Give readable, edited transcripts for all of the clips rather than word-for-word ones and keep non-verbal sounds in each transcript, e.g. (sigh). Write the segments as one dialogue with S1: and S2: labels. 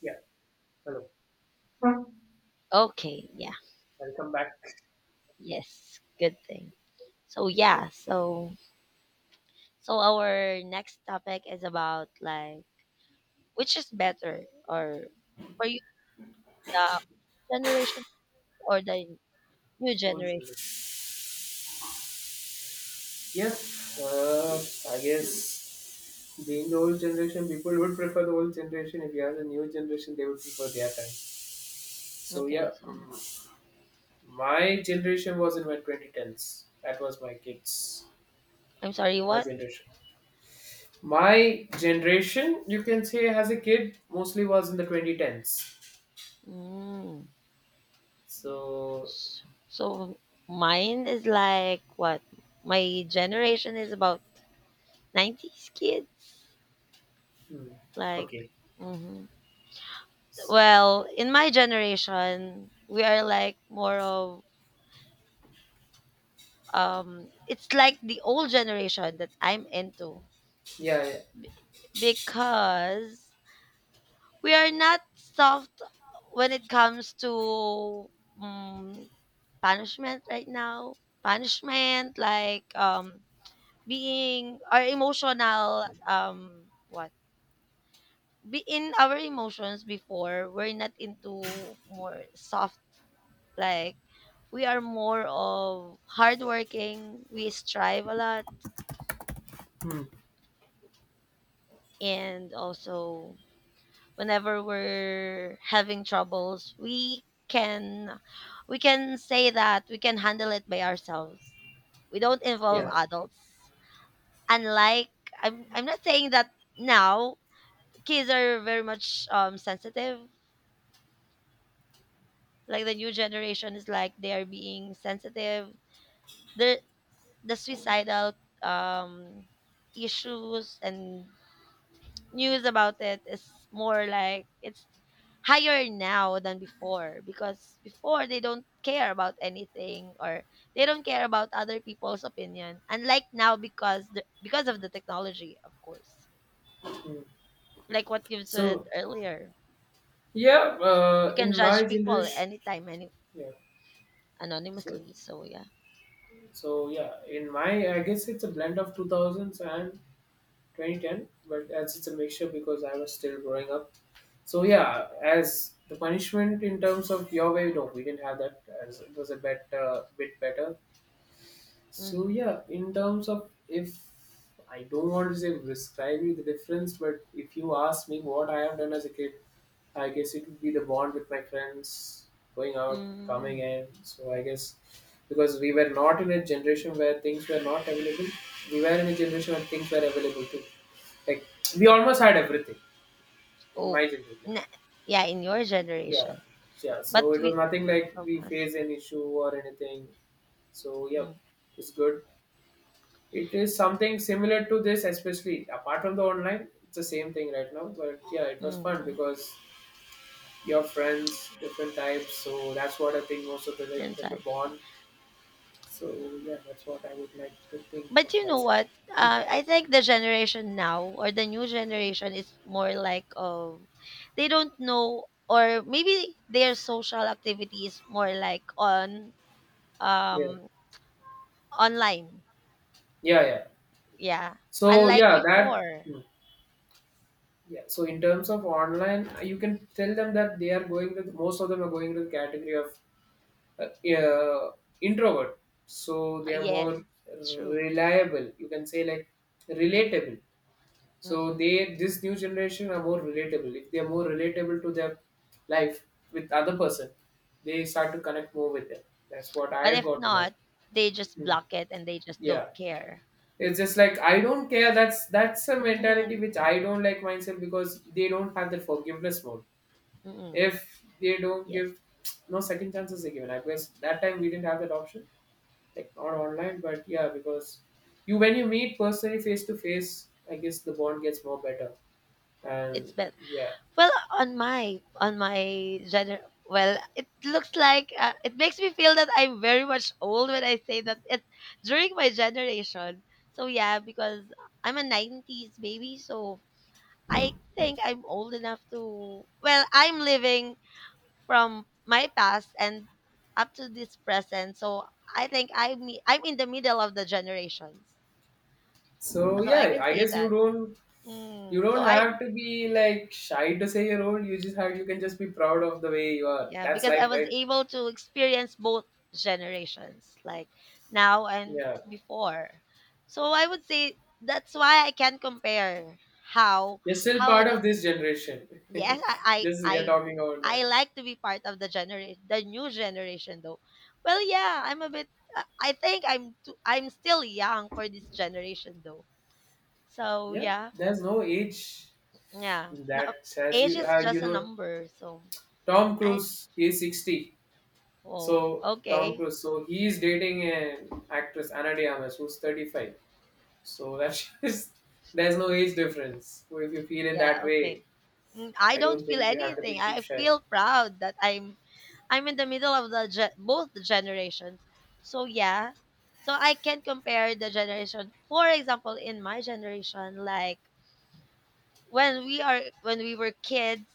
S1: Yeah, hello.
S2: Okay, yeah.
S1: Welcome back.
S2: Yes, good thing. So yeah, so so our next topic is about like which is better or for you the generation or the new
S1: Old
S2: generation.
S1: generation. Yes, I guess being the old generation, people would prefer the old generation. If you have the new generation, they would prefer their time. So
S2: Okay,
S1: yeah,
S2: so
S1: my generation was in my 2010s. That was my kids.
S2: I'm sorry,
S1: My
S2: what?
S1: generation. My generation, you can say, as a kid, mostly was in the 2010s.
S2: Mm.
S1: So,
S2: s- So mine is like what? My generation is about 90s kids.
S1: hmm,
S2: Like
S1: okay.
S2: hmm well, in my generation, we are like more of it's like the old generation that I'm into
S1: Yeah, yeah.
S2: because we are not soft when it comes to um, punishment right now. Punishment like being our emotional what be in our emotions before we're not into more soft like we are more of hardworking, we strive a lot.
S1: Hmm,
S2: And also whenever we're having troubles, we can say that we can handle it by ourselves. We don't involve
S1: yeah.
S2: adults. Unlike I'm not saying that now kids are very much sensitive. Like the new generation is like they are being sensitive. The the suicidal um issues and news about it is more like it's higher now than before, because before they don't care about anything, or they don't care about other people's opinion, unlike now because because of the technology of course,
S1: Hmm.
S2: like what you said
S1: So,
S2: earlier.
S1: yeah,
S2: You can
S1: in my
S2: judge people
S1: generation,
S2: anytime, any
S1: yeah. So,
S2: anonymously, so yeah.
S1: so yeah, in my, I guess it's a blend of 2000s and 2010, but as it's a mixture because I was still growing up. So yeah, as the punishment in terms of your way, no, we didn't have that. As it was a bit, bit better. So
S2: Mm-hmm.
S1: yeah, in terms of if I don't want to say prescribe you the difference, but if you ask me what I have done as a kid, I guess it would be the bond with my friends, going out, coming
S2: Mm.
S1: in. So I guess because we were not in a generation where things were not available. We were in a generation where things were available too. Like we almost had everything in
S2: Oh.
S1: my generation.
S2: na- yeah, in your
S1: Yeah,
S2: generation.
S1: yeah.
S2: But
S1: So it
S2: we
S1: was nothing like
S2: from
S1: we
S2: us.
S1: faced an issue or anything. So yeah,
S2: Mm-hmm.
S1: it's good. It is something similar to this, especially apart from the online. It's the same thing right now. But yeah, it was fun because your friends, different types. So that's what I think most of the time, then the bond. So yeah, that's what I would like to think
S2: But
S1: of
S2: you know
S1: myself.
S2: what? I think the generation now, or the new generation, is more like of they don't know, or maybe their social activity is more like on
S1: Yeah.
S2: um online.
S1: Yeah, yeah.
S2: Yeah,
S1: So
S2: unlike
S1: yeah,
S2: before.
S1: yeah. So in terms of online, you can tell them that they are going with most of them are going to the category of uh, uh, introvert. So they are
S2: Yes,
S1: more
S2: true.
S1: reliable. You can say like relatable. So
S2: Hmm.
S1: they this new generation are more relatable. If they are more relatable to their life with other person, they start to connect more with them. That's what I
S2: But
S1: have
S2: if
S1: got to know.
S2: not, they just
S1: Mm.
S2: block it and they just don't
S1: Yeah.
S2: care.
S1: It's just like I don't care. That's a mentality
S2: Mm-hmm.
S1: which I don't like myself because they don't have the forgiveness mode.
S2: Mm-hmm.
S1: If they don't
S2: Yes,
S1: give, no second chances are given. I guess that time we didn't have that option, like not online, but yeah, because you when you meet personally face to face, I guess the bond gets more better.
S2: it's
S1: And
S2: better.
S1: yeah,
S2: Well, on my gener well, it looks like it makes me feel that I'm very much old when I say that it's during my generation. So yeah, because I'm a 90s baby, so I think I'm old enough to well, I'm living from my past and up to this present. So I think I'm in the middle of the generations.
S1: so
S2: So I
S1: yeah,
S2: can
S1: I
S2: say
S1: guess you
S2: that.
S1: don't, you
S2: Mm. So
S1: don't
S2: I.
S1: have to be like shy to say you're old. You just have, you can just be proud of the way you are.
S2: Yeah,
S1: That's
S2: because I
S1: life,
S2: was
S1: right?
S2: able to experience both generations, like now and
S1: Yeah.
S2: before. So I would say that's why I can compare how
S1: You're still
S2: how
S1: part
S2: the
S1: of this generation.
S2: yes,
S1: (laughs)
S2: I
S1: Just we
S2: I,
S1: are talking about
S2: I
S1: that.
S2: like to be part of the generation, the new generation though. Well, yeah, I'm a bit I think I'm still young for this generation though. So,
S1: Yeah,
S2: yeah.
S1: there's no age
S2: Yeah. No,
S1: that says
S2: age
S1: you.
S2: is
S1: You
S2: just a
S1: know,
S2: number, so
S1: Tom
S2: I.
S1: Cruise is 60.
S2: Oh,
S1: So Tom
S2: okay.
S1: Cruise, so he is dating an actress Ana de Armas who's 35. So that's (laughs) just there's no age
S2: Okay.
S1: difference. So if you feel in
S2: Yeah,
S1: that
S2: okay.
S1: way,
S2: Mm, I
S1: I
S2: don't
S1: don't
S2: feel
S1: think you have to
S2: anything.
S1: be too
S2: I
S1: shy.
S2: feel proud that I'm in the middle of the both the generations. So yeah, so I can compare the generation. For example, in my generation, like when we are when we were kids,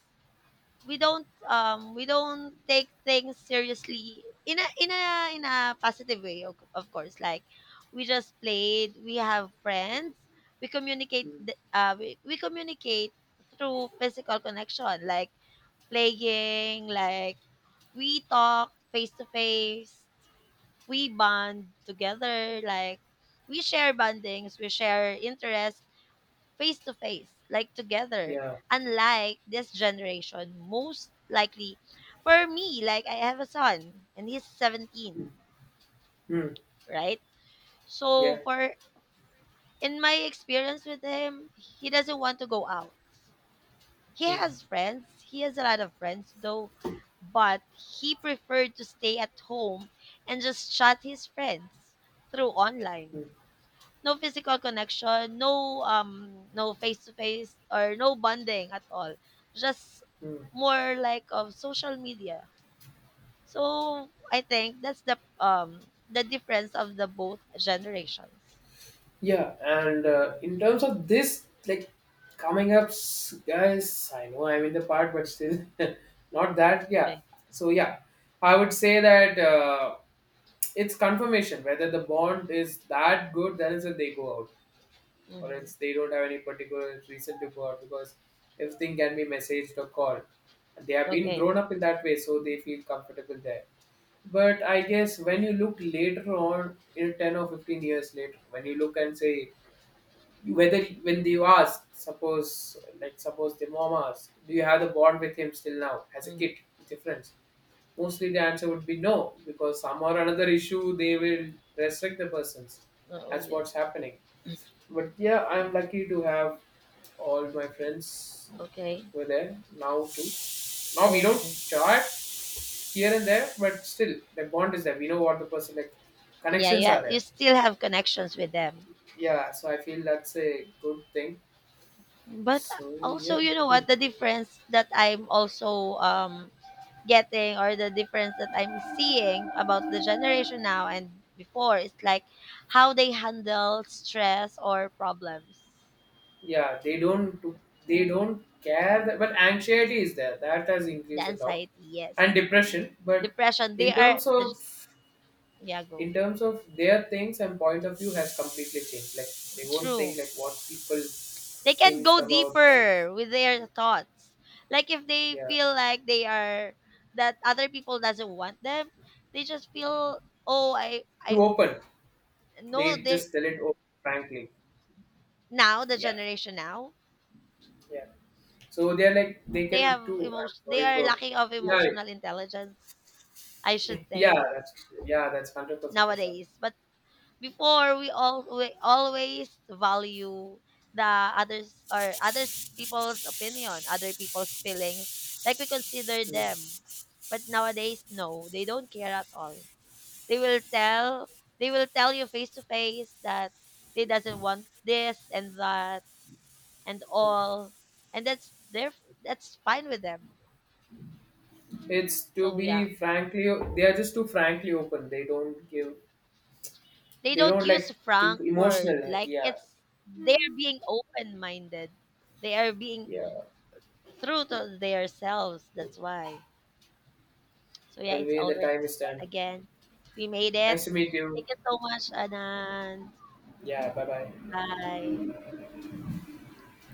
S2: we don't we don't take things seriously in a in a positive way. Of course, like we just played. We have friends. We communicate.
S1: Mm,
S2: We communicate through physical connection, like playing, like we talk face to face, we bond together, like we share bondings, we share interests face to face, like together.
S1: yeah.
S2: Unlike this generation, most likely for me, like I have a son and he's 17,
S1: Mm,
S2: right? So
S1: yeah.
S2: for in my experience with him, he doesn't want to go out. He
S1: Mm,
S2: has friends. He has a lot of friends though, but he preferred to stay at home and just chat his friends through online.
S1: mm,
S2: No physical connection, no no face to face or no bonding at all. Just
S1: mm.
S2: more like of social media. So I think that's the the difference of the both generations.
S1: Yeah, and in terms of this, like coming up, guys, I know I'm in the part, but still (laughs) not that. Yeah.
S2: Okay.
S1: So, yeah, I would say that it's confirmation whether the bond is that good, then is that they go out, or
S2: Mm-hmm.
S1: else they don't have any particular reason to go out because everything can be messaged or called. They have been
S2: Okay.
S1: grown up in that way, so they feel comfortable there. But I guess when you look later on, in 10 or 15 years later, when you look and say, whether when you ask, suppose like suppose the mom asks, do you have the bond with him still now as a
S2: Mm.
S1: kid with your friends? Mostly the answer would be no because some or another issue they will restrict the persons.
S2: Oh,
S1: That's
S2: yeah.
S1: what's happening.
S2: (clears throat)
S1: But yeah,
S2: Yeah.
S1: I'm lucky to have all my friends
S2: Okay.
S1: were there now too. Now we don't
S2: Okay.
S1: chat here and there, but still the bond is there. We know what the person like,
S2: Yeah,
S1: connections
S2: yeah,
S1: are
S2: you
S1: there.
S2: still have connections with them.
S1: Yeah, so I feel that's a good thing.
S2: But
S1: So
S2: also
S1: yeah,
S2: you know what the difference that I'm also getting, or the difference that I'm seeing about the generation now and before is like how they handle stress or problems.
S1: yeah, they
S2: Mm,
S1: don't care that, but anxiety is there that has
S2: the
S1: increased a lot,
S2: anxiety, yes,
S1: and depression. But
S2: depression.
S1: in terms of,
S2: Yeah, go.
S1: in terms of their things and point of view has completely changed. Like they won't think
S2: True.
S1: like what people
S2: They can
S1: thinks
S2: go
S1: about them.
S2: deeper with their thoughts. Like if they
S1: Yeah,
S2: feel like they are that other people doesn't want them, they just feel, oh, I
S1: too
S2: I
S1: open. They
S2: know they,
S1: just tell it open, frankly.
S2: now the
S1: Yeah,
S2: generation now
S1: yeah, so they're like they
S2: they
S1: can do,
S2: have
S1: I'm
S2: emotion. They
S1: sorry
S2: are
S1: for,
S2: lacking of
S1: yeah, like,
S2: emotional intelligence, I should
S1: (laughs) yeah
S2: say,
S1: that's, yeah that's 100% for sure.
S2: nowadays. But before, we all we always value the others, or others people's opinion, other people's feelings, like we consider them.
S1: Mm,
S2: But nowadays, no, they don't care at all. They will tell, they will tell you face to face that they doesn't want this and that and
S1: mm.
S2: all, and that's their, that's fine with them.
S1: It's to
S2: So yeah,
S1: be frankly, they are just too frankly open. They don't give,
S2: they
S1: they
S2: don't
S1: don't
S2: use
S1: like think
S2: frank word,
S1: emotional.
S2: like
S1: Yeah,
S2: it's they are being open minded. They are being
S1: yeah.
S2: true to themselves. That's why. So yeah,
S1: By the
S2: it's
S1: way, the
S2: already
S1: time is done.
S2: and again. We made it.
S1: Nice to meet
S2: Thank
S1: you.
S2: you so much, Anand.
S1: Yeah, bye bye.
S2: Bye.